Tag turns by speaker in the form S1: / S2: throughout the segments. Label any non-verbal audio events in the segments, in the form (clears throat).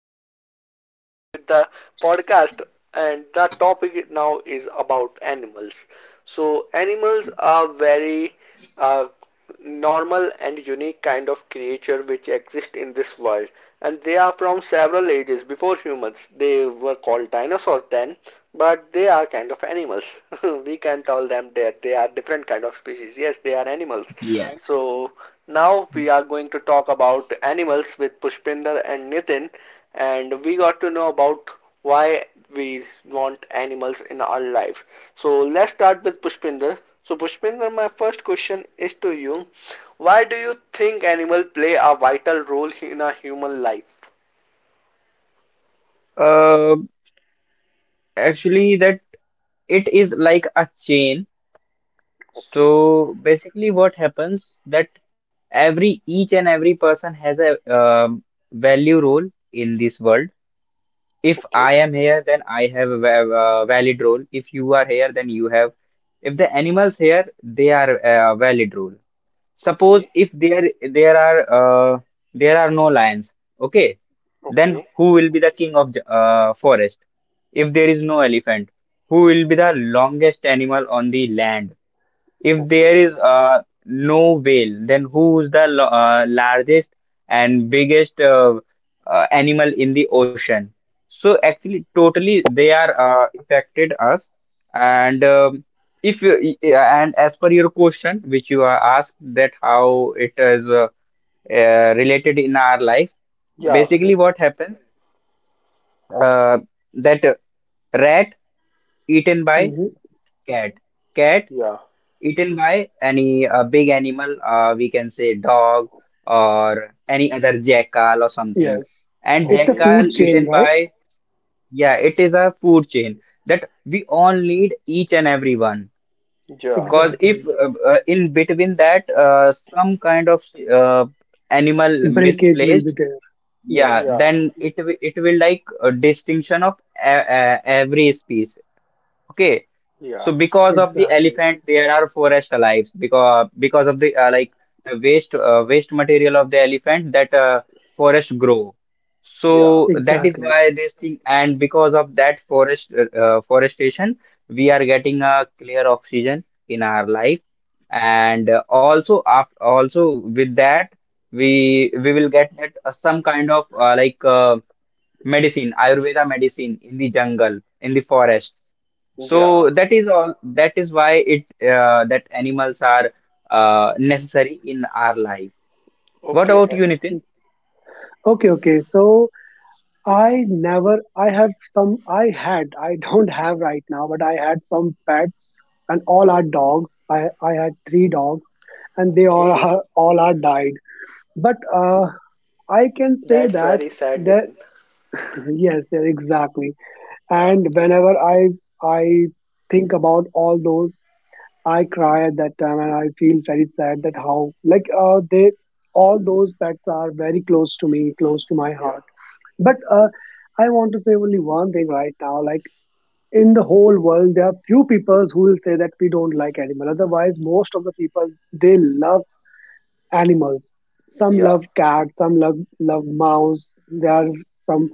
S1: are (laughs) again with the podcast, and the topic now is about animals. So, animals are very uh, normal and unique kind of creature which exist in this world, and they are from several ages before humans. They were called dinosaurs then, but they are kind of animals. (laughs) We can tell them that they are different kind of species. Yes, they are animals.
S2: Yeah.
S1: So now we are going to talk about animals with Pushpinder and Nitin, and we got to know about why we want animals in our life. So let's start with Pushpinder. So Pushpinder, my first question is to you. Why do you think animals play a vital role in a human life?
S2: Uh, actually, that it is like a chain.
S1: Okay,
S2: So basically, what happens that every each and every person has a value role in this world. If
S1: okay,
S2: I am here, then I have a valid role. If you are here, then you have. If the animals here, they are a valid role.
S1: okay,
S2: Suppose if there are there are no lions, okay, then
S1: okay,
S2: who will be the king of the forest? If there is no elephant, who will be the longest animal on the land? If there
S1: okay.
S2: is no whale, then who's the largest and biggest animal in the ocean? So actually, totally they are affected us. And if you, and as per your question, which you are asked, that how it is related in our life,
S1: Yeah,
S2: basically what happens uh, that rat eaten by
S3: Mm-hmm.
S2: cat, cat
S1: yeah,
S2: eaten by any big animal, we can say dog or any other jackal or something.
S3: Yes.
S2: And
S3: It's a
S1: okay,
S2: jackal
S3: food
S2: eaten
S3: chain, right?
S2: by, yeah, it is a food chain that we all need each and every one.
S1: yeah,
S2: Because if
S3: Exactly.
S2: in between that some kind of uh, animal
S3: Breakage will
S2: misplaced,
S3: be there. Yes,
S2: yeah,
S1: yeah,
S2: then it it will like a distinction of every species. Okay,
S1: yeah,
S2: so because of the
S3: exactly.
S2: elephant, there are forest alive because of the like the waste material of the elephant that forest grow.
S1: yeah,
S2: So that is
S3: Exactly.
S2: why this thing, and because of that forestation, we are getting a clear oxygen in our life, and also after also with that we will get that some kind of medicine, Ayurveda medicine in the jungle, in the forest.
S1: yeah,
S2: So that is all. That is why it that animals are necessary in our life. What
S1: okay,
S2: about
S1: eh.
S2: you, Nitin?
S3: Okay, okay. So I never, I have some, I had, I (laughs) don't have right now, but I had some pets, and all are dogs. I had three dogs, and they all (laughs)
S1: Okay,
S3: are, all are died. But I can say
S1: that's
S3: that
S1: very sad,
S3: the
S1: Nitin.
S3: (clears throat) (laughs) yes, yes, exactly.
S1: Yeah,
S3: And whenever I think about all those, I cry at that time, and I feel very sad that how they all those pets are very close to me, close to my
S1: yeah,
S3: heart. But I want to say only one thing right now. Like in the whole world, there are few people who will say that we don't like animal. Otherwise, most of the people, they love animals. Some
S1: yeah.
S3: love cats, some love mouse. There are some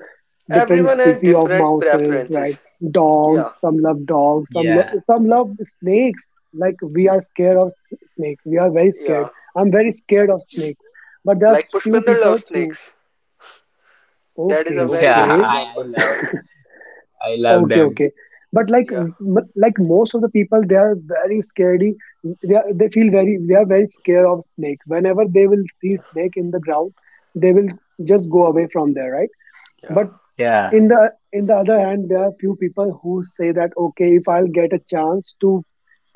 S3: different
S1: Everyone has
S3: species of
S1: different
S3: mouses, right?
S1: preferences. Yeah,
S3: Dogs. Some love dogs.
S2: Yeah.
S3: Some love snakes. Like we are scared of snakes. We are very
S1: yeah.
S3: scared. I'm very scared of snakes. But there's
S1: Like
S3: few
S1: Pushpinder
S3: people
S1: loves
S3: who
S1: snakes. That
S2: (laughs)
S1: is
S3: okay,
S1: a very best
S2: yeah,
S3: okay,
S2: I, I
S1: example.
S2: love, I love
S3: okay,
S2: them.
S3: okay. But
S1: Yeah.
S3: like most of the people, they are very scaredy. They feel very they are very scared of snakes. Whenever they will see
S1: Yeah.
S3: snake in the ground, they will just go away from there, right? But
S1: Yeah.
S2: Yeah,
S3: in the other hand, there are few people who say that, okay, if I'll get a chance to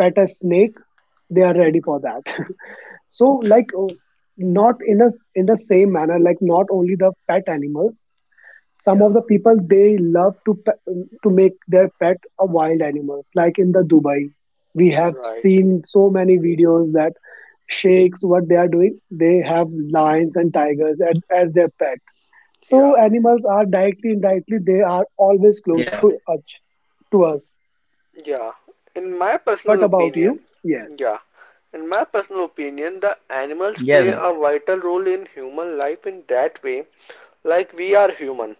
S3: pet a snake, they are ready for that. (laughs) So like oh, not in a in the same manner, like not only the pet animals, some of
S1: Yeah.
S3: the people they love to to make their pet a wild animals, like in the Dubai we have
S1: Right.
S3: seen so many videos that sheikhs what they are doing, they have lions and tigers at, as their pet. So
S1: Yeah.
S3: animals are
S2: yeah,
S3: directly, indirectly, they are always close to us. To us.
S1: Yeah. In my
S3: And what
S1: personal
S3: about
S1: opinion,
S3: you? Yes.
S1: yeah, In my personal
S2: yes, Nitin.
S1: opinion, the animals play a vital role in human life in that way, like we are human,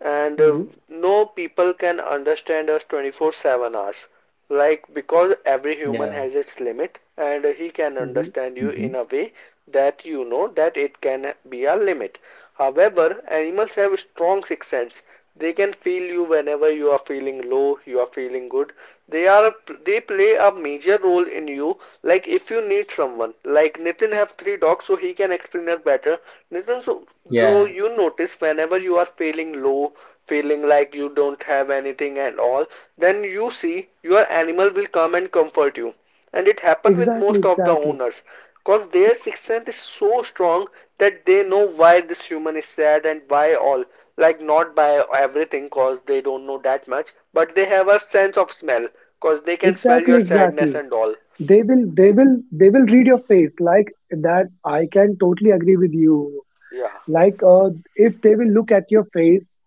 S1: and
S3: Hmm.
S1: no people can understand us 24/7 hours. Like because
S2: Yeah,
S1: every human has its limit, and he can
S3: Hmm.
S2: hmm
S1: understand you in a way that you know that it can be a limit. However, animals have a strong sixth sense. They can feel you whenever you are feeling low, you are feeling good, they are a, they play a major role in you. Like if you need someone, like Nitin have three dogs, so he can explain us better. Nitin, so
S2: yeah,
S1: so you notice whenever you are feeling low, feeling like you don't have anything at all, then you see your animal will come and comfort you, and it happened with
S3: Exactly,
S1: most of the
S3: exactly,
S1: owners, because their sixth sense is so strong that they know why this human is sad and why all, like not by everything, because they don't know that much, but they have a sense of smell, because they can smell
S3: exactly,
S1: your sadness
S3: exactly.
S1: and all.
S3: They will, they will, they will read your face like that. I can totally agree with you.
S1: Yeah.
S3: Like, if they will look at your face,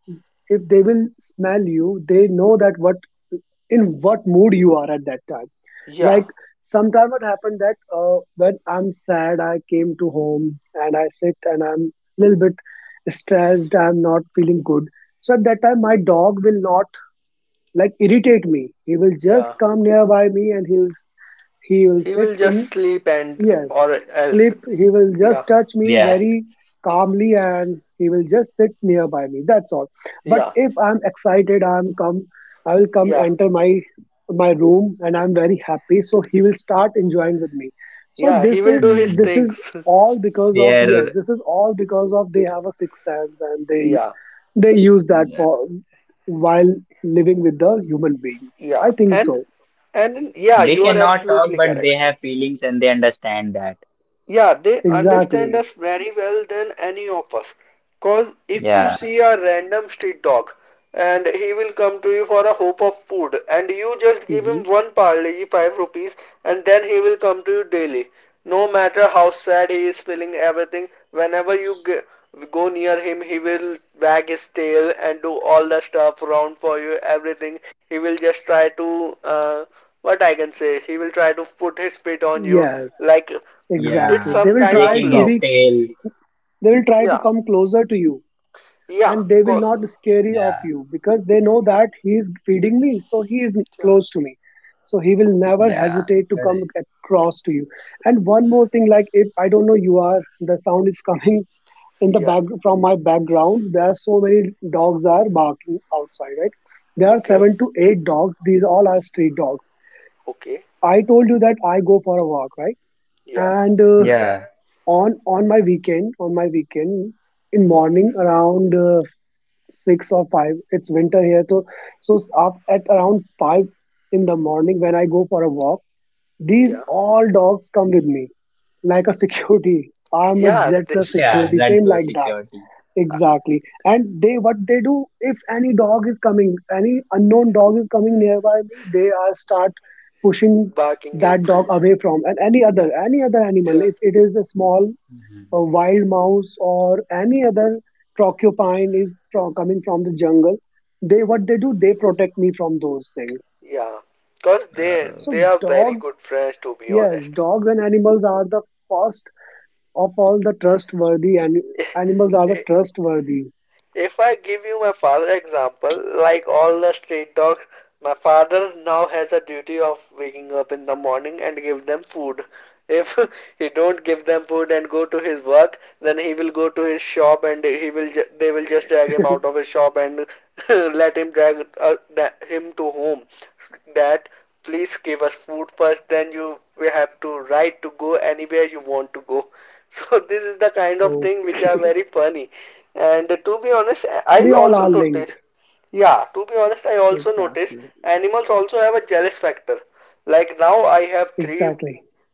S3: if they will smell you, they know that what in what mood you are at that time.
S1: Yeah.
S3: Like sometime it happened that when I'm sad, I came to home and I sit and I'm a little bit stressed, I'm not feeling good. So at that time my dog will not like irritate me, he will just
S1: Yeah,
S3: come nearby me, and he'll he will
S1: he
S3: sit
S1: will just
S3: in.
S1: sleep and
S3: Yes,
S1: or else.
S3: sleep, he will
S1: Yeah.
S3: just touch me
S2: yes.
S3: very calmly, and he will just sit nearby me. That's all. But
S1: Yeah.
S3: if I'm excited, I'm come, I will come
S1: Yeah.
S3: enter my room and I'm very happy. So he will start enjoying with me. So
S1: Yeah, he will do his
S2: Mm.
S3: this is
S1: things.
S3: all because
S2: They
S3: of yes,
S2: are,
S3: this is all because of they have a sixth sense, and
S1: (laughs) Yeah,
S3: they use that
S2: yeah.
S3: for while living with the human beings. I
S1: yeah.
S3: think
S1: and
S3: so.
S1: and yeah,
S2: They
S1: you are
S2: cannot talk,
S1: absolutely
S2: but they
S1: correct.
S2: have feelings and they understand that.
S1: Yeah, they understand
S3: Exactly.
S1: us very well than any of us. Cause if you
S2: Yeah,
S1: see a random street dog, and he will come to you for a hope of food, and you just give
S3: Hmm.
S1: him one parle 5 rupees, and then he will come to you daily. No matter how sad he is feeling everything, whenever you go near him, he will wag his tail and do all the stuff around for you, everything. He will just try to what I can say, he will try to put his feet on you,
S3: Yes.
S1: like it's
S3: Exactly.
S2: yeah,
S3: They
S1: some
S3: will
S1: kind of
S3: try
S2: shaking
S3: to
S2: his
S1: love.
S3: be
S2: tail.
S3: they will try to
S1: Yeah,
S3: come closer to you,
S1: yeah,
S3: and they will
S1: co
S3: not scary of
S2: Yeah.
S3: you, because they know that he is feeding me, so he is
S1: yeah.
S3: close to me. So he will never
S2: Yeah,
S3: hesitate to come
S2: correct.
S3: across to you. And one more thing, like if I don't know you are the sound is (laughs) coming in the
S1: Yeah.
S3: back from my background, there are so many dogs are barking outside, right? There are
S1: Okay.
S3: seven to eight dogs. These all are street dogs.
S1: Okay.
S3: I told you that I go for a walk, right?
S1: Yeah.
S3: And
S2: Yeah,
S3: on my weekend in morning around 6 or 5, it's winter here, so so up at around 5 in the morning when I go for a walk, these
S1: Yeah.
S3: all dogs come with me, like a security. (laughs) I'm a
S1: Yeah.
S3: z plus
S2: yeah,
S3: security,
S2: that
S3: same
S2: plus
S3: like that.
S2: security.
S3: Exactly. And they what they do, if any dog is coming, any unknown dog is coming nearby me, they are start pushing
S1: Barking him.
S3: that
S1: (laughs)
S3: dog away from. And any other animal,
S1: Yeah.
S3: if it is a small a
S2: Mhm.
S3: wild mouse or any other porcupine is from, coming from the jungle, they what they do, they protect me from those things.
S1: Yeah. Cause
S2: Uh,
S1: they
S3: So
S1: they are very
S3: dogs,
S1: good friends, to be
S3: yes,
S1: honest.
S3: dogs and animals are the first of all the trustworthy, and animals are the
S1: (laughs)
S3: trustworthy.
S1: If I give you my father example, like all the street dogs, my father now has a duty of waking up in the morning and give them food. If (laughs) he don't give them food and go to his work, then he will go to his shop, and he will they will just drag him
S3: (laughs)
S1: out of his shop and (laughs) let him drag him to home. That, please give us food first, then you we have to right to go anywhere you want to go. (laughs) So this is the kind of
S3: Okay,
S1: thing which are very funny, and to be
S3: we
S1: honest,
S3: all are
S1: I
S3: linked.
S1: also noticed. Yeah, to be honest, I
S3: Exactly,
S1: also noticed animals also have a jealous factor. Like now I have
S3: exactly,
S1: three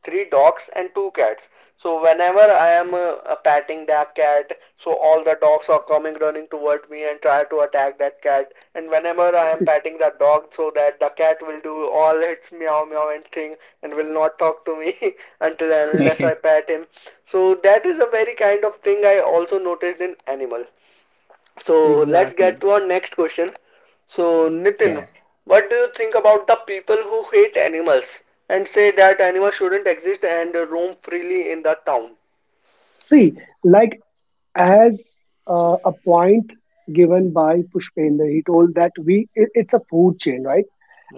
S1: three dogs and two cats. So whenever I am patting that cat, so all the dogs are coming running toward me and try to attack that cat. And whenever I am patting the dog, so that the cat will do all its meow meow and thing, and will not talk to me (laughs) until and unless I
S2: (laughs)
S1: pat him. So that is a very kind of thing I also noticed in animal. So let's
S3: exactly.
S1: get to our next question. So Nitin,
S2: yeah,
S1: what do you think about the people who hate animals and say that animals shouldn't exist and roam freely in the town?
S3: See, like as a point given by Pushpender, he told that we it, it's a food chain, right?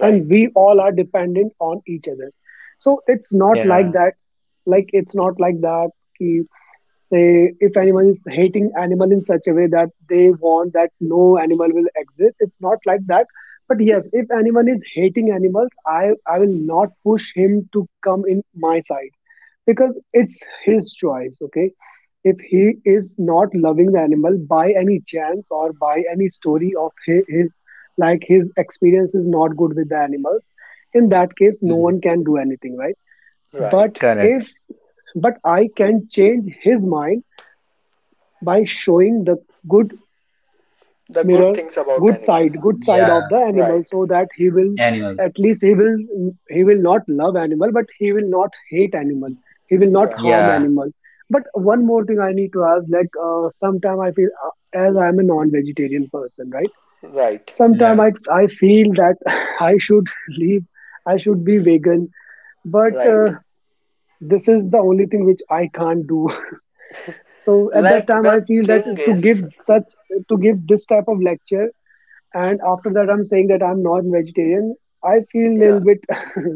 S3: And we all are dependent on each other. So it's not like
S2: yeah.
S3: that, like it's not like that, say if anyone is hating animal in such a way that they want that no animal will exist, it's not like that. But yes, if anyone is hating animals, i I will not push him to come in my side, because it's his choice, okay. If he is not loving the animal by any chance or by any story of his, like his experience is not good with the animals, in that case no
S2: Mm.
S3: one can do anything, right? But
S1: right.
S2: Correct.
S3: if but I can change his mind by showing the good
S1: The good
S3: mirror
S1: things about animals.
S3: good side
S2: Yeah,
S3: of the
S1: Right.
S3: animal, so that he will
S2: animal.
S3: at least he will not love animal, but he will not hate animal, he will not
S1: Yeah,
S3: harm
S2: Yeah,
S3: animal. But one more thing I need to ask, like sometime I feel as I am a non vegetarian person, right?
S1: right,
S3: Sometime
S2: no,
S3: I feel that (laughs) I should leave I should be vegan, but
S1: right.
S3: this is the only thing which I can't do. So at that
S1: Like
S3: time I
S1: the
S3: feel that
S1: thing
S3: to
S1: is,
S3: give such to give this type of lecture, and after that I'm saying that I'm non vegetarian, I feel a
S1: yeah,
S3: little bit (laughs)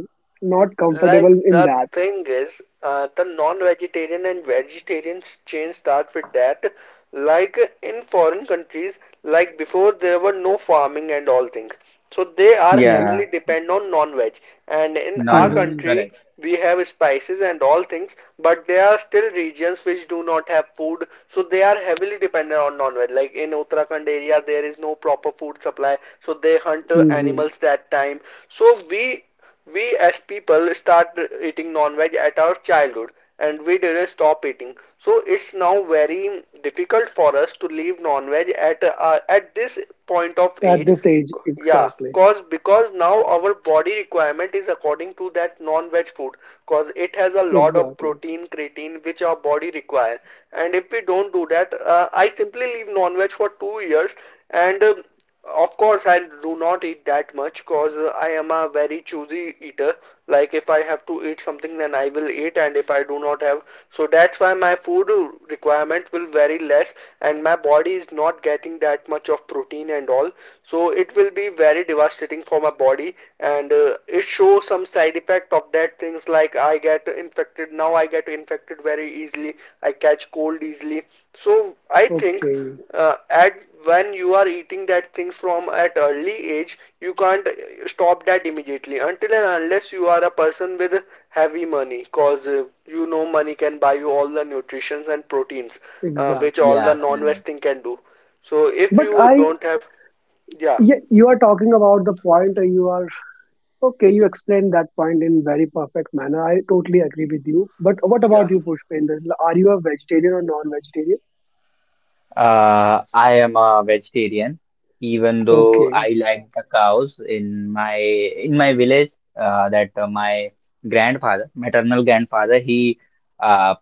S3: not comfortable
S1: like
S3: in
S1: the
S3: that.
S1: thing is, the non-vegetarian and vegetarians chain start with that. Like in foreign countries, like before there were no farming and all things, so they are
S3: Mhm,
S1: heavily
S2: yeah,
S1: depend on non-veg. And in our
S2: non-veg.
S3: mhm,
S1: country,
S2: Correct.
S1: we have spices and all things, but there are still regions which do not have food, so they are heavily dependent on non-veg. Like in Uttarakhand area, there is no proper food supply, so they hunt
S3: mhm.
S1: animals that time. So we as people start eating non-veg at our childhood, and we didn't stop eating. So it's now very difficult for us to leave non-veg at this point of
S3: At
S1: age.
S3: this age,
S1: Yeah,
S3: exactly.
S1: cause because now our body requirement is according to that non-veg food, cause it has a lot of
S3: Exactly.
S1: protein, creatine which our body require. And if we don't do that, I simply leave non-veg for 2 years, and of course, I do not eat that much because I am a very choosy eater. Like, if I have to eat something, then I will eat, and if I do not have, so that's why my food requirement will vary less, and my body is not getting that much of protein and all. So, it will be very devastating for my body, and it shows some side effect of that things, like I get infected now, I get infected very easily, I catch cold easily. So, I think
S3: Okay.
S1: at when you are eating that things from at early age, you can't stop that immediately until and unless you are a person with heavy money, cause you know money can buy you all the nutritions and proteins, which
S3: Exactly.
S1: all the
S2: Yeah,
S1: non-veg
S2: correct.
S1: thing can do, so if
S3: but
S1: you
S3: i
S1: don't have. Yeah.
S3: yeah, you are talking about the point or you are okay, you explained that point in very perfect manner, I totally agree with you. But what
S1: Yeah.
S3: about you, Pushpender? Are you a vegetarian or non-vegetarian?
S2: I am a vegetarian, even though
S3: Okay.
S2: I like the cows in my village. That My grandfather, maternal grandfather, uh,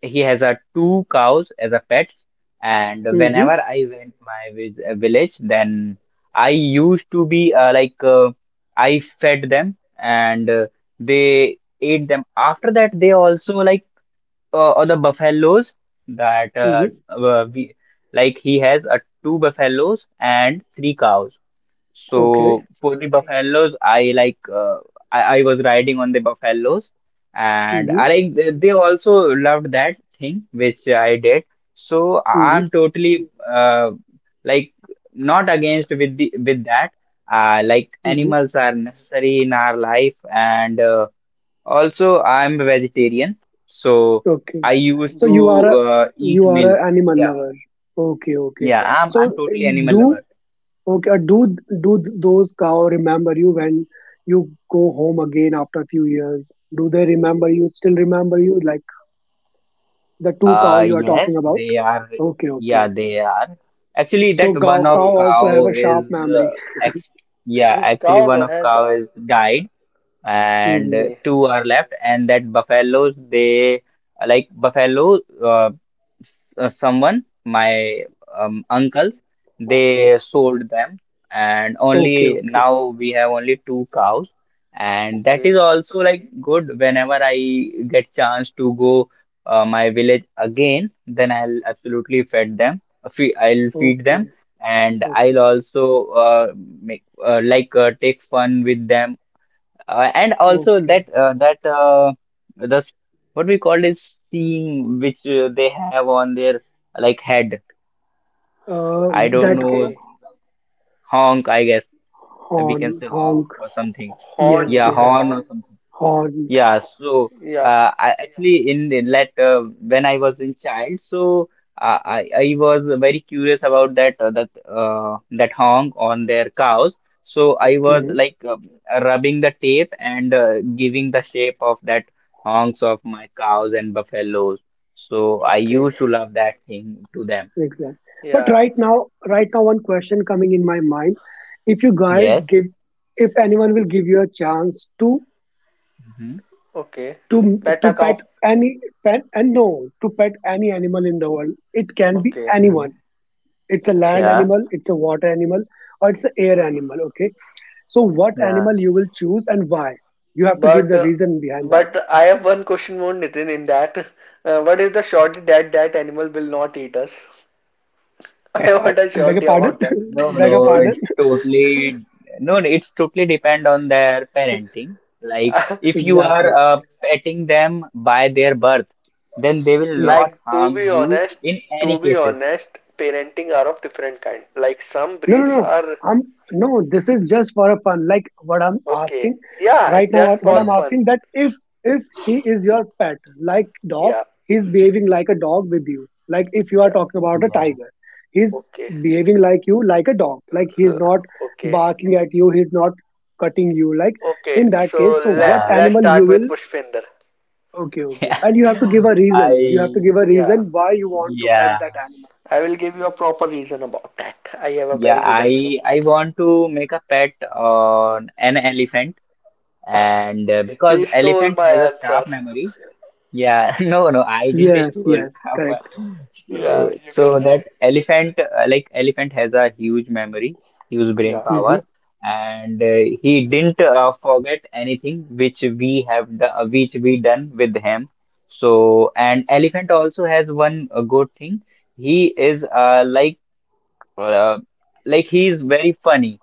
S2: he has a two cows as a pets, and
S3: Mm-hmm.
S1: Okay.
S2: whenever I went my village, then I used to be like I fed them, and they ate them. After that, they also like the buffaloes, that uh,
S3: Mm-hmm.
S2: uh, we, like he has two buffaloes and three cows,
S3: Okay.
S1: Okay.
S2: so for the buffaloes, I like I was riding on the buffaloes, and I
S3: Mm-hmm.
S1: Okay.
S2: like they also loved that thing which I did. So
S3: Mm-hmm.
S2: I'm totally like not against with the with that. Like
S3: Mm-hmm.
S2: animals are necessary in our life, and also I'm a vegetarian, so
S3: Okay.
S2: I used
S3: So
S2: to eat
S3: you are
S2: milk.
S3: a animal
S2: Yeah,
S3: lover. Okay. Okay.
S2: yeah,
S3: So
S2: I'm totally animal
S3: do
S2: lover.
S3: okay. Do do those cow remember you when you go home again after a few years? Do they remember you? Still remember you? Like the two cow you are talking
S2: Yes,
S3: about?
S2: they are.
S3: Okay. Okay.
S2: Yeah, they are. Actually,
S3: So
S2: that one of
S3: cow
S1: Okay.
S3: also have
S2: cow
S3: a
S2: is
S3: sharp memory.
S2: uh, ex yeah,
S1: (laughs)
S2: actually
S1: Cows
S2: one
S1: or
S2: of
S1: has
S2: cow
S1: a.
S2: is died, and
S3: Mm-hmm.
S1: Okay.
S2: two are left. And that buffaloes they like buffalo, someone my uncles they
S1: Okay.
S2: sold them, and
S3: Okay,
S2: only
S3: okay,
S2: now we have only two cows, and that
S1: Okay.
S2: is also like good. Whenever I get chance to go my village again, then I'll absolutely fed them fe I'll feed
S3: okay,
S2: them, and I'll
S3: okay,
S2: also make take fun with them, and also
S3: okay.
S2: that that the what we call is seeing which they have on their like head.
S3: Uh,
S2: I don't
S3: that
S2: know,
S1: Okay.
S2: honk, I guess, we can
S3: horn,
S2: say honk
S3: honk.
S2: or something.
S1: Horn,
S3: Yes,
S2: Yeah,
S1: you
S3: yes,
S1: can
S2: horn
S1: say.
S2: or something.
S3: horned.
S2: Yeah, so
S1: Yeah.
S2: I actually in like when I was in child, so I was very curious about that honk on their cows. So I was
S1: Okay.
S3: Mhm.
S2: like rubbing the tape and giving the shape of that honks of my cows and buffaloes. So I
S1: Okay.
S2: used to love that thing to them.
S3: Exactly. But
S1: Yeah.
S3: right now, right now, one question coming in my mind: If you guys
S2: Yes.
S3: give, if anyone will give you a chance to
S2: Hmm.
S1: Okay.
S3: to
S1: Pet
S3: to
S1: a cow.
S3: pet any pet and no to pet any animal in the world, it can be
S1: Okay.
S3: anyone.
S2: Mhm.
S3: It's a land
S1: Okay.
S2: Yeah.
S3: animal, it's a water animal, or it's an air animal. Okay. So, what
S2: Yeah.
S3: animal you will choose, and why? You have to give
S1: But
S3: the
S1: uh,
S3: reason behind that.
S1: but I have one question more, Nitin, in that. What is the surety that that animal will not eat us? (laughs)
S3: Uh,
S1: I
S3: uh,
S1: want a
S3: beg your
S1: surety
S3: pardon.
S1: about that.
S2: No,
S3: (laughs) Beg your
S2: no,
S1: (laughs)
S2: it's
S3: pardon. (laughs)
S2: totally no, no, it's totally depend on their parenting. Like if you are
S3: Exactly.
S2: petting them by their birth, then they will not
S1: Like,
S3: Yes.
S1: to
S2: harm
S1: be
S2: you
S1: honest,
S2: in any cases.
S1: parenting are of different kind. Like some
S3: No, no,
S1: breeds
S3: no.
S1: are
S3: I'm no. This is just for a fun. Like what I'm
S1: okay.
S3: asking
S1: Yeah,
S3: right now.
S1: just
S3: What
S1: for
S3: I'm
S2: Yeah,
S1: fun.
S3: asking that if he is your pet, like dog,
S1: Yeah.
S3: he's behaving like a dog with you. Like if you are
S1: Yeah.
S3: talking about a
S2: yeah,
S3: tiger, he's
S1: Okay.
S3: behaving like you, like a dog. Like he's
S1: L-
S3: not
S1: Okay.
S3: barking at you. He's not cutting you. Like
S1: Okay.
S3: in that
S1: So
S3: case, so what
S1: let
S2: yeah.
S1: let's
S3: animal you
S1: start with
S3: will?
S1: Pushpinder.
S3: Okay,
S2: (laughs)
S3: okay.
S2: Yeah.
S3: And you have to give a reason. You have to
S2: I
S3: give a
S1: Yeah.
S3: reason why you want to pet
S2: yeah,
S3: that animal.
S1: I will give you a proper reason about that. I have a
S2: yeah,
S1: very good animal.
S2: I want to make a pet on an elephant, and because
S1: He stole
S2: elephant
S1: my
S2: has a sharp
S1: answer.
S2: memory. Yeah, (laughs) no, no, I didn't taste
S3: Yes,
S2: all.
S3: yes,
S2: (laughs)
S3: correct.
S2: But so,
S1: Yeah, you
S2: so
S1: can
S2: that
S1: say.
S2: elephant, like elephant, has a huge memory, huge brain
S1: Yeah.
S2: power,
S3: Mm-hmm.
S2: and he didn't forget anything which we have, which we done with him. So, and elephant also has one good thing. He is uh, like he is very funny.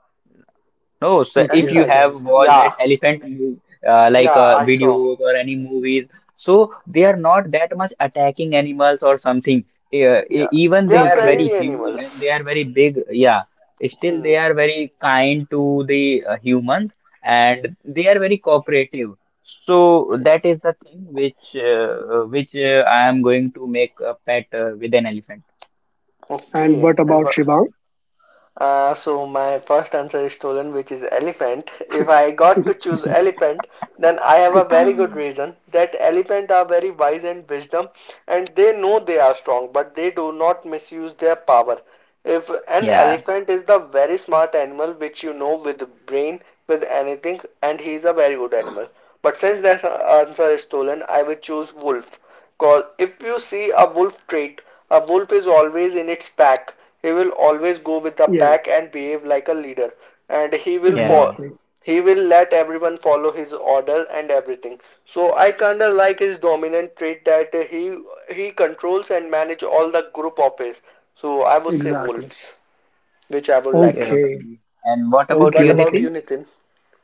S2: No, so
S3: Okay,
S2: if you
S3: okay.
S2: have
S1: Elephants.
S2: watched that
S1: Yeah.
S2: elephant move,
S1: Yeah, I saw.
S2: videos or any movies, so they are not that much attacking animals or something.
S1: Yeah.
S2: Even
S1: They
S2: they
S1: are
S2: are very
S3: Okay.
S1: friendly
S2: huge and
S1: animals.
S2: they are very big. Yeah, still
S1: Hmm.
S2: they are very kind to the humans, and they are very cooperative. So
S1: Yeah.
S2: that is the thing which I am going to make a pet with an elephant.
S3: And
S1: Okay.
S3: what
S1: And
S3: about
S1: what
S3: Shivang?
S1: So my first answer is stolen, which is elephant. If I got to choose
S2: (laughs)
S1: elephant, then I have a very
S2: Ah.
S1: good reason that elephant are very wise and wisdom, and they know they are strong, but they do not misuse their power. If an
S2: Yeah,
S1: elephant is the very smart animal, which you know, with brain, with anything, and he is a very good animal. But since that answer is stolen, I will choose wolf. Cause if you see a wolf trait, a wolf is always in its pack. He will always go with the
S3: Yes,
S1: pack and behave like a leader. And he will
S2: yeah,
S1: follow.
S3: exactly.
S1: He will let everyone follow his order and everything. So I kinda like his dominant trait, that he controls and manage all the group of his. So I would say
S3: Exactly.
S1: wolves, which I would like.
S2: yeah.
S3: Okay.
S2: And what
S1: And
S2: about
S3: Okay,
S1: what
S2: you,
S1: about
S3: okay.
S2: Nitin?
S1: you, Nitin?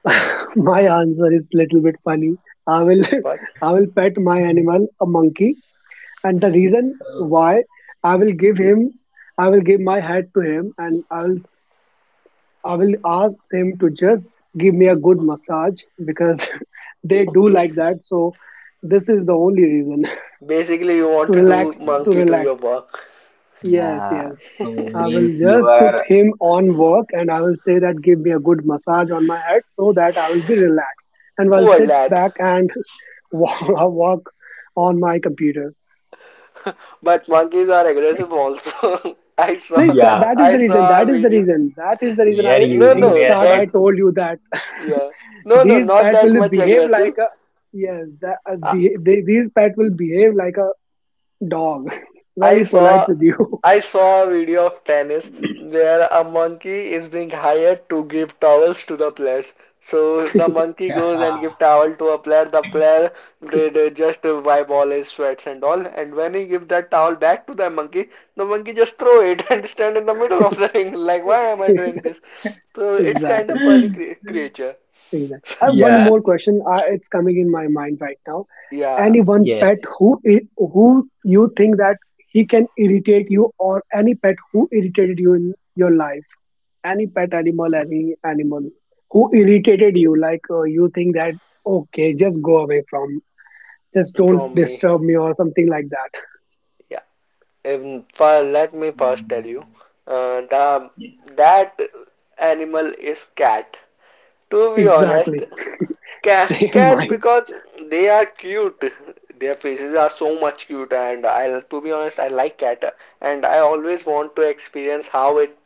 S3: (laughs) My answer is little bit funny. I will
S1: What?
S3: (laughs) I will pet my animal, a monkey, and the reason
S2: Okay.
S3: why I will give him I will give my hat to him, and I will ask him to just give me a good massage, because (laughs) they do
S1: Okay.
S3: like that. So this is the only reason.
S1: Basically, you
S3: (laughs)
S1: want
S3: To
S1: to do
S3: relax, to
S1: monkey to your
S3: relax.
S1: work.
S3: Yes,
S2: Yeah.
S3: yes.
S2: So
S3: I
S1: (laughs)
S2: means
S3: will
S2: you
S3: just put
S2: are
S3: him on work, and I will say that give me a good massage on my head, so that I will be relaxed and I'll
S1: Poor
S3: sit
S1: lad.
S3: back and (laughs) work on my computer.
S1: (laughs) But monkeys are aggressive also. (laughs)
S3: Like that,
S2: yeah,
S3: that is
S1: I
S3: the reason.
S1: saw a
S3: That is the
S1: video.
S3: reason. That is the reason
S2: they are
S3: I
S1: No,
S3: in
S2: using
S1: no,
S2: their
S3: start I
S2: hands.
S1: not
S3: told you that.
S1: yeah.
S3: (laughs)
S1: No, no,
S3: These
S1: not
S3: pet
S1: that
S3: will
S1: much
S3: behave like
S1: aggressive.
S3: a yes. That,
S1: I,
S3: these pet will behave like a dog. (laughs)
S1: I
S3: Very polite
S1: saw
S3: with you.
S1: I saw a video of tennis where a monkey is being hired to give towels to the players. So the monkey goes and give
S2: (laughs)
S1: towel to a player. They just wipe all his sweats and all. And when he give that towel back to the monkey just throw it (laughs) and stand in the middle of the ring. Like, why am I doing
S3: (laughs)
S1: this? So it's kind of
S3: Exactly.
S1: funny creature.
S3: Exactly. I
S1: (laughs)
S3: have one
S2: Yeah,
S3: more question. It's coming in my mind right now.
S1: Yeah,
S3: Any one
S2: yes.
S3: pet who who you think that he can irritate you, or any pet who irritated you in your life? Any pet animal, any animal who irritated you, like you think that okay, just go away from, just don't
S1: from me.
S3: disturb me, or something like that. (laughs)
S1: Yeah. If, for, let me first tell
S2: Mm.
S1: you, the that animal is cat. To be honest,
S3: Exactly. (laughs)
S1: cat,
S3: Same
S1: cat
S3: mind.
S1: because they are cute. Their faces are so much cute, and I, to be honest, I like cat, and I always want to experience how it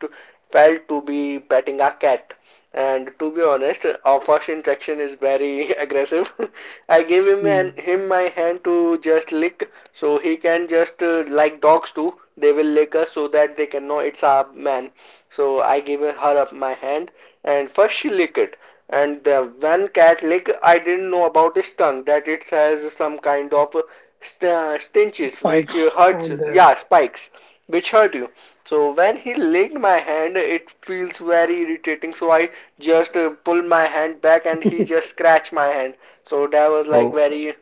S1: felt to be petting a cat. And to be honest, our first interaction is very aggressive. (laughs) I gave him
S3: Hmm.
S1: an, him my hand to just lick, so he can just like dogs do. They will lick us so that they can know it's our man. So I gave her up my hand, and first she licked it. And the one cat lick, I didn't know about its tongue that it has some kind of stinches which
S3: Spikes
S1: hurts.
S3: on the.
S1: Yeah, spikes which hurt you. So when he licked my hand, it feels very irritating. So I just pull my hand back and he just scratched my hand. So that was like
S2: So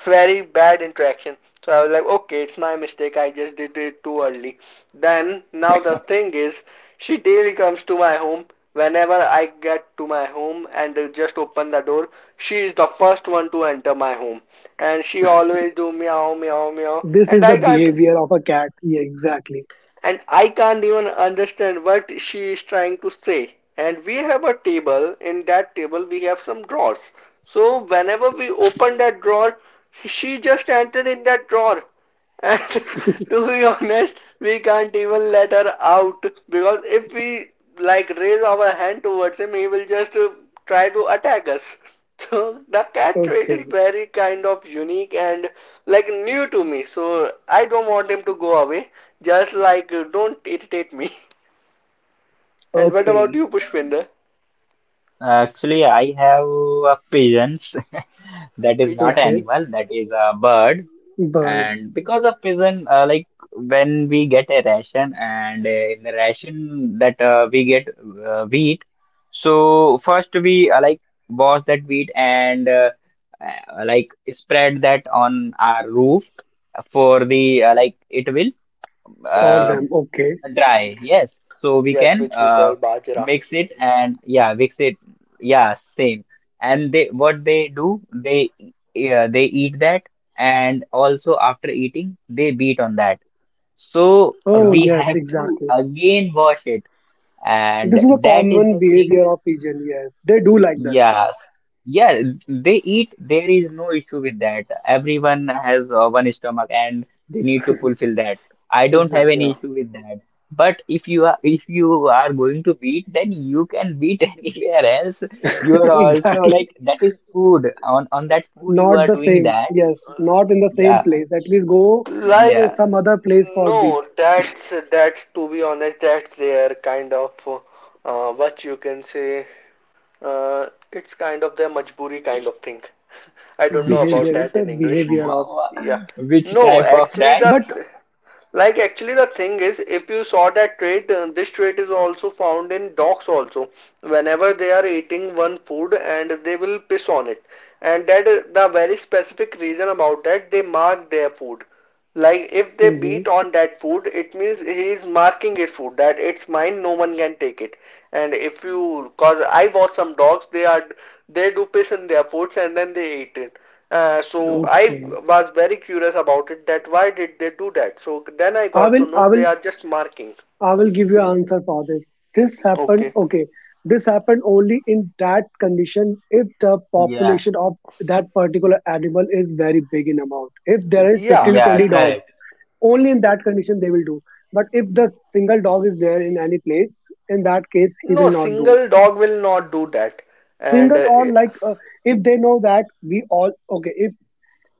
S1: very bad interaction. So I was like, okay, it's my mistake. I just did it too early. Then now the thing is, she daily comes to my home. Whenever I get to my home and just open the door, she is the first one to enter my home, and she always do meow meow meow,
S3: This
S1: and
S3: is the
S1: I can't
S3: behavior of a cat. Yeah, exactly.
S1: and I can't even understand what she is trying to say. And we have a table. In that table, we have some drawers. So whenever we open that drawer, she just entered in that drawer and (laughs) to be honest, we can't even let her out because if we like raise our hand towards him, he will just try to attack us. (laughs) So the cat trait is
S3: Okay.
S1: very kind of unique and like new to me. So I don't want him to go away. Just like don't irritate me. (laughs) And what about
S3: Okay.
S1: you, Pushpinder?
S2: actually I have a pigeons. (laughs) That is not
S1: Picha.
S3: Okay.
S2: animal, that is a bird.
S3: Bird
S2: And because of prison, like when we get a ration, and in the ration that we get wheat, so first we like wash that wheat, and like spread that on our roof for the like it will
S3: or
S2: uh,
S1: Okay.
S3: them, okay.
S2: dry, yes, so we
S1: Yes,
S2: can
S1: which we call Bajra.
S2: mix it, and yeah, mix it, yeah, same. And they what they do, yeah, they eat that, and also after eating they beat on that, so
S1: Yeah.
S3: Oh,
S2: we
S3: yes,
S2: have to
S3: exactly.
S2: again wash it, and
S3: This is a
S2: that is
S3: common
S2: the thing.
S3: behavior of pigeon, yes. They do like this.
S2: Yes. Yeah, they eat. There is no issue with that. Everyone has one stomach and they need to fulfill that. I don't have any
S1: Yeah.
S3: Exactly.
S2: issue with that. But if you are going to beat, then you can beat (laughs) anywhere else. You
S3: (laughs)
S2: are also
S3: exactly.
S2: like that is food. On that food you
S3: Not
S2: are
S3: the
S2: doing
S3: same.
S2: that.
S3: Yes, not in the same
S2: Yeah.
S3: place. At least go
S1: Like,
S2: Yeah.
S3: some other place for beat
S1: no, that's to be honest, that's their kind of what you can say. Uh, it's kind of their majburi kind of thing. (laughs) I don't know
S2: (laughs)
S3: behavior.
S1: about that
S3: It's a
S1: in English.
S3: behavior
S2: Wha-
S3: of
S2: wha-
S1: Yeah.
S2: Which
S1: No,
S2: type
S3: okay.
S2: of
S1: actually
S2: that?
S3: But
S1: like actually the thing is if you saw that trait, this trait is also found in dogs also. Whenever they are eating one food and they will piss on it. And that is the very specific reason about that they mark their food. Like if they
S3: mhm,
S1: beat on that food, it means he is marking it food that it's mine, no one can take it. And if you, cause I watch some dogs, they are they do piss in their foods and then they eat it. So I
S3: okay.
S1: was very curious about it that why did they do that? So then I
S3: I
S1: got
S3: will
S1: to know
S3: I will
S1: they are just marking.
S3: I will give you answer for this. This happened,
S1: Okay.
S3: okay, this happened only in that condition if the
S2: Yeah.
S3: population of that particular animal is very big in amount. If there is 15
S1: Yeah.
S3: to
S2: Yeah,
S3: 20
S2: correct.
S3: dogs, only in that condition they will do. But if the single dog is there in any place, in that case, he
S1: No,
S3: will not do.
S1: single dog will not do that. And
S3: Single or like if they know that we all, okay, if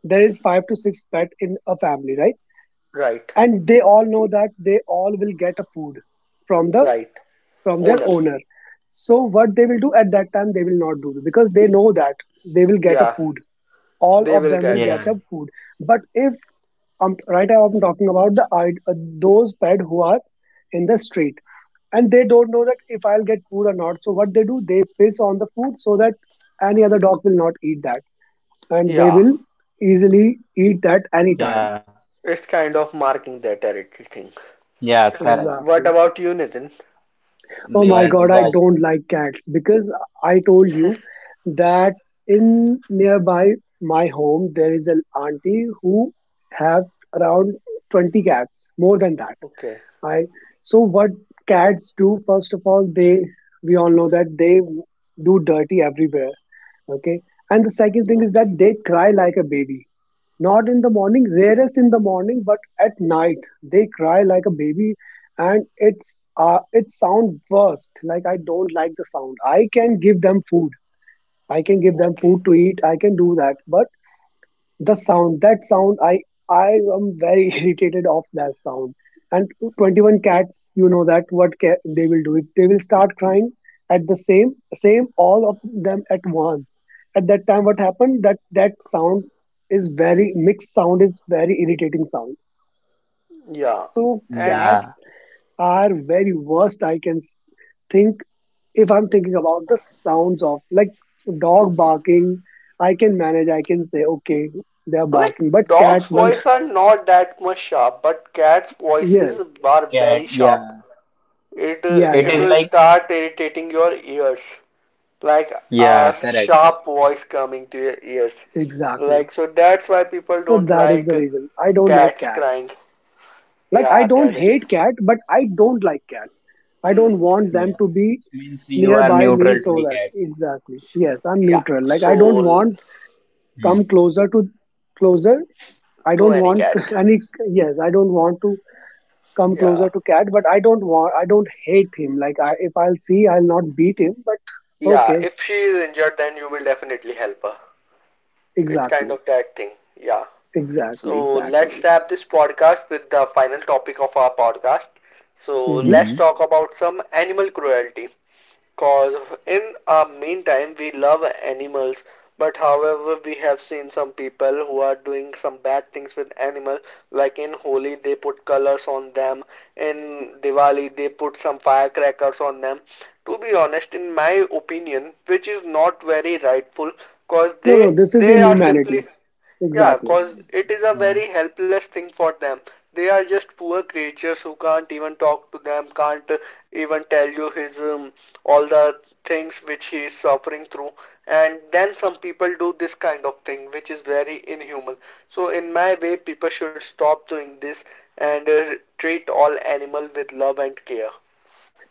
S3: there is five to six pet in a family, right?
S1: right,
S3: And they all know that they all will get a food from the
S1: right.
S3: from their
S1: Owner.
S3: owner, so what they will do at that time they will not do because they know that they will get a
S1: Yeah,
S3: food, all
S1: they
S3: of
S1: will
S3: them will
S1: get
S3: get
S1: it.
S2: Yeah.
S3: a food. But if right now I'm talking about those pet who are in the street, and they don't know that if I'll get food or not, so what they do they piss on the food so that any other dog will not eat that, and they
S1: Yeah.
S3: will
S2: Yeah.
S3: easily eat that anytime,
S1: It's kind of
S2: Yeah,
S1: marking their
S2: correct.
S1: territory thing. And what
S3: exactly.
S2: They
S1: about you,
S2: are
S1: Nitin?
S2: just
S3: Oh my god, I don't like cats because I told you that in nearby my home there is an auntie who have around 20 cats, more than that.
S1: Okay,
S3: I so what cats do, first of all, they, we all know that they do dirty everywhere, okay? And the second thing is
S1: okay,
S3: that they cry like a baby. Not in the morning, rarest in the morning, but at night they cry like a baby, and it's it sound worst. Like I don't like the sound. I can give them food. I can give them
S1: okay.
S3: food to eat. I can do that, but the sound, that sound, I am very (laughs) irritated of that sound. And 21 cats, you know that what ca- they will do if they will start crying at the same all of them at once, at that time what happened that that sound is very mixed, sound is very irritating sound.
S1: Yeah.
S3: So
S1: And
S3: cats
S2: yeah,
S3: are very worst, I can s- think, if I'm thinking about the sounds of like dog barking, I can manage, I can say okay they are
S1: like
S3: barking, but cat
S1: dogs'
S3: one.
S1: voices are not that much sharp, but cats' voices
S3: Yes.
S1: are
S2: cat.
S1: very sharp.
S2: Yeah,
S1: It
S3: Yeah,
S2: it
S1: it
S3: yeah,
S2: is
S1: will
S2: like
S1: start irritating your ears, like
S2: yeah,
S1: a
S2: correct, correct.
S1: sharp voice coming to your ears.
S3: exactly.
S1: Like so that's why people
S3: So
S1: don't
S3: that is the
S1: like
S3: reason. I don't like
S1: cats
S3: cat.
S1: crying.
S3: Like I
S1: Yeah,
S3: don't
S1: that.
S3: hate cat, but I don't like cat. I
S1: Hmm.
S3: don't want them
S2: Yeah,
S3: to be
S2: means you are
S3: nearby me
S2: neutral to
S3: so
S2: the
S3: that
S2: cats.
S3: exactly. Yes, I'm
S1: Yeah.
S3: neutral. Like I don't
S1: So
S3: want
S2: Hmm.
S3: come closer to closer. I
S1: to
S3: don't
S1: any
S3: want
S1: cat.
S3: (laughs) any yes, I don't want to come
S1: Yeah.
S3: closer to cat, but I don't want, I don't hate him. Like I, if I'll see I'll not beat him, but
S1: Yeah,
S3: okay,
S1: if she is injured, then you will definitely help her. It's kind
S3: exactly.
S1: of that thing. Yeah.
S3: Exactly,
S1: So
S3: exactly.
S1: let's wrap this podcast with the final topic of our podcast. So
S3: Hmm.
S1: let's
S2: Mm-hmm.
S1: talk about some animal cruelty. Cause in our meantime, we love animals, but however, we have seen some people who are doing some bad things with animals. Like in Holi, they put colors on them. In Diwali, they put some firecrackers on them. To be honest, in my opinion, which is not very rightful, cause
S3: No,
S1: they
S3: no, this is
S1: they are simply
S3: inhumanity.
S1: yeah,
S3: Exactly.
S1: cause it is a
S2: Yeah,
S1: very helpless thing for them. They are just poor creatures who can't even talk to them, can't even tell you his all the things which he is suffering through. And then some people do this kind of thing, which is very inhuman. So in my way, people should stop doing this and treat all animal with love and care.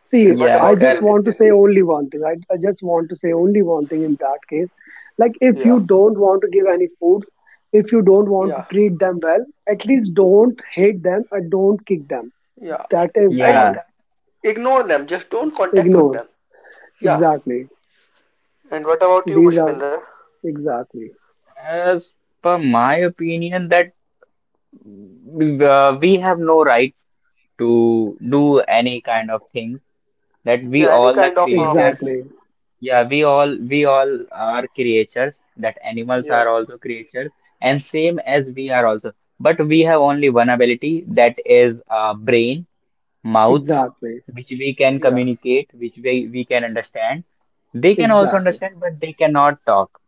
S3: See,
S1: What
S2: yeah,
S3: I
S1: about you,
S3: just
S2: correct.
S3: want to
S1: Nitin?
S3: say only one thing. I just want to say only one thing in that case. Like, if
S1: Yeah,
S3: you don't want to give any food, if you don't want to
S1: yeah,
S3: treat them well, at least don't hate them and don't kick them.
S1: yeah.
S3: That is
S1: I
S3: all.
S2: Yeah,
S1: ignore them. Just don't contact with
S3: Ignore.
S1: them. Yeah.
S3: Exactly.
S1: And what about you,
S3: These are
S1: Pushpinder?
S3: exactly,
S2: as per my opinion, that we have no right to do any kind of things. That we
S1: Yeah, any
S2: all the
S1: kind of harm.
S2: creatures
S3: exactly,
S2: yeah, we all are creatures, that animals
S1: Yeah,
S2: are also creatures, and same as we are also. But we have only one ability, that is brain, mouth,
S3: exactly,
S2: which we can
S1: yeah,
S2: communicate, which we can understand. They can also
S3: exactly,
S2: understand, but they cannot talk.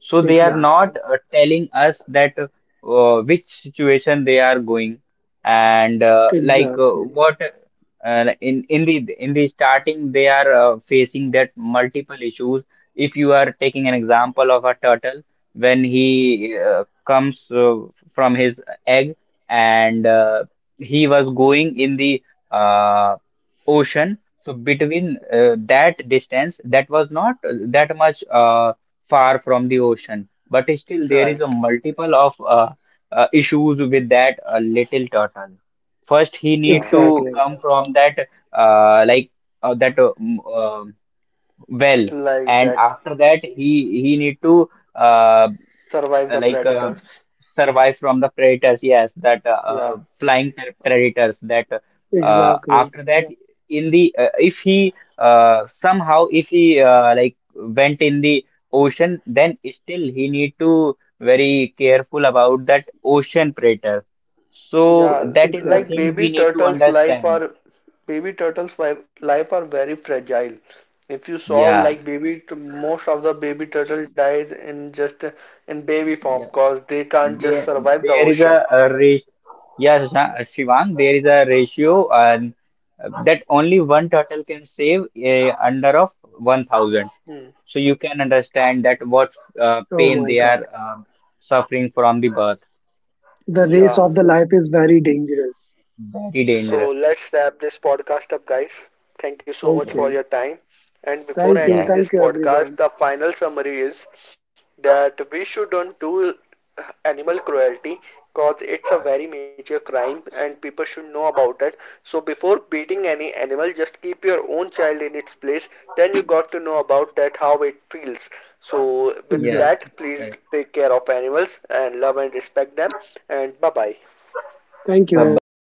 S2: So they are not
S3: exactly,
S2: telling us that which situation they are going, and
S3: exactly,
S2: what in the starting they are facing that multiple issues. If you are taking an example of a turtle, when he comes from his egg, and he was going in the uh, ocean. So between that distance, that was not that much far from the ocean, but still there is a
S1: right.
S2: multiple of issues with that little turtle. First he need
S1: Yeah,
S2: to
S3: exactly,
S2: come from that uh, like uh, that uh, m- um well,
S1: like
S2: and
S1: that
S2: after that he need to uh, uh,
S1: survive the
S2: like uh,
S1: predators.
S2: survive from the predators, yes, that
S1: Yeah,
S2: flying predators that
S1: yeah,
S2: uh,
S3: exactly,
S2: after that. Yeah. In the if he uh, somehow if he uh, like went in the ocean, then still he need to very careful about that ocean predators. So
S1: yeah.
S2: that is the
S1: Like
S2: thing
S3: exactly.
S2: we
S1: baby
S2: need to
S1: turtles' life
S2: understand.
S1: are life are very fragile. If you saw
S2: Yeah.
S1: like most of the baby turtle dies in just in baby form
S2: Yeah.
S1: because they can't just
S2: there
S1: survive the
S2: there is
S1: ocean.
S2: a yes, Shashank- Shivang, there is a ratio, and that only one turtle can save under of 1000.
S1: Hmm.
S2: So you can understand that what
S3: Oh
S2: pain
S3: my
S2: they
S3: God.
S2: are suffering from the birth.
S3: The race
S1: Yeah,
S3: of the life is very dangerous.
S2: Very
S1: so
S2: dangerous.
S1: let's wrap this podcast up, guys. Thank you so much for your
S2: Yes.
S3: Okay.
S1: time. And before
S3: Thank you.
S2: Yeah.
S1: ending this
S3: Thank you,
S1: podcast,
S3: everyone.
S1: the final summary is that we shouldn't do animal cruelty because it's a very major crime and people should know about it. So before beating any animal, just keep your own child in its place. Then you got to know about that how it feels. So with
S2: Yeah.
S1: that,
S3: Exactly.
S1: please take care of animals and love and respect them. And bye bye.
S3: Thank
S2: Bye
S3: you.
S2: bye.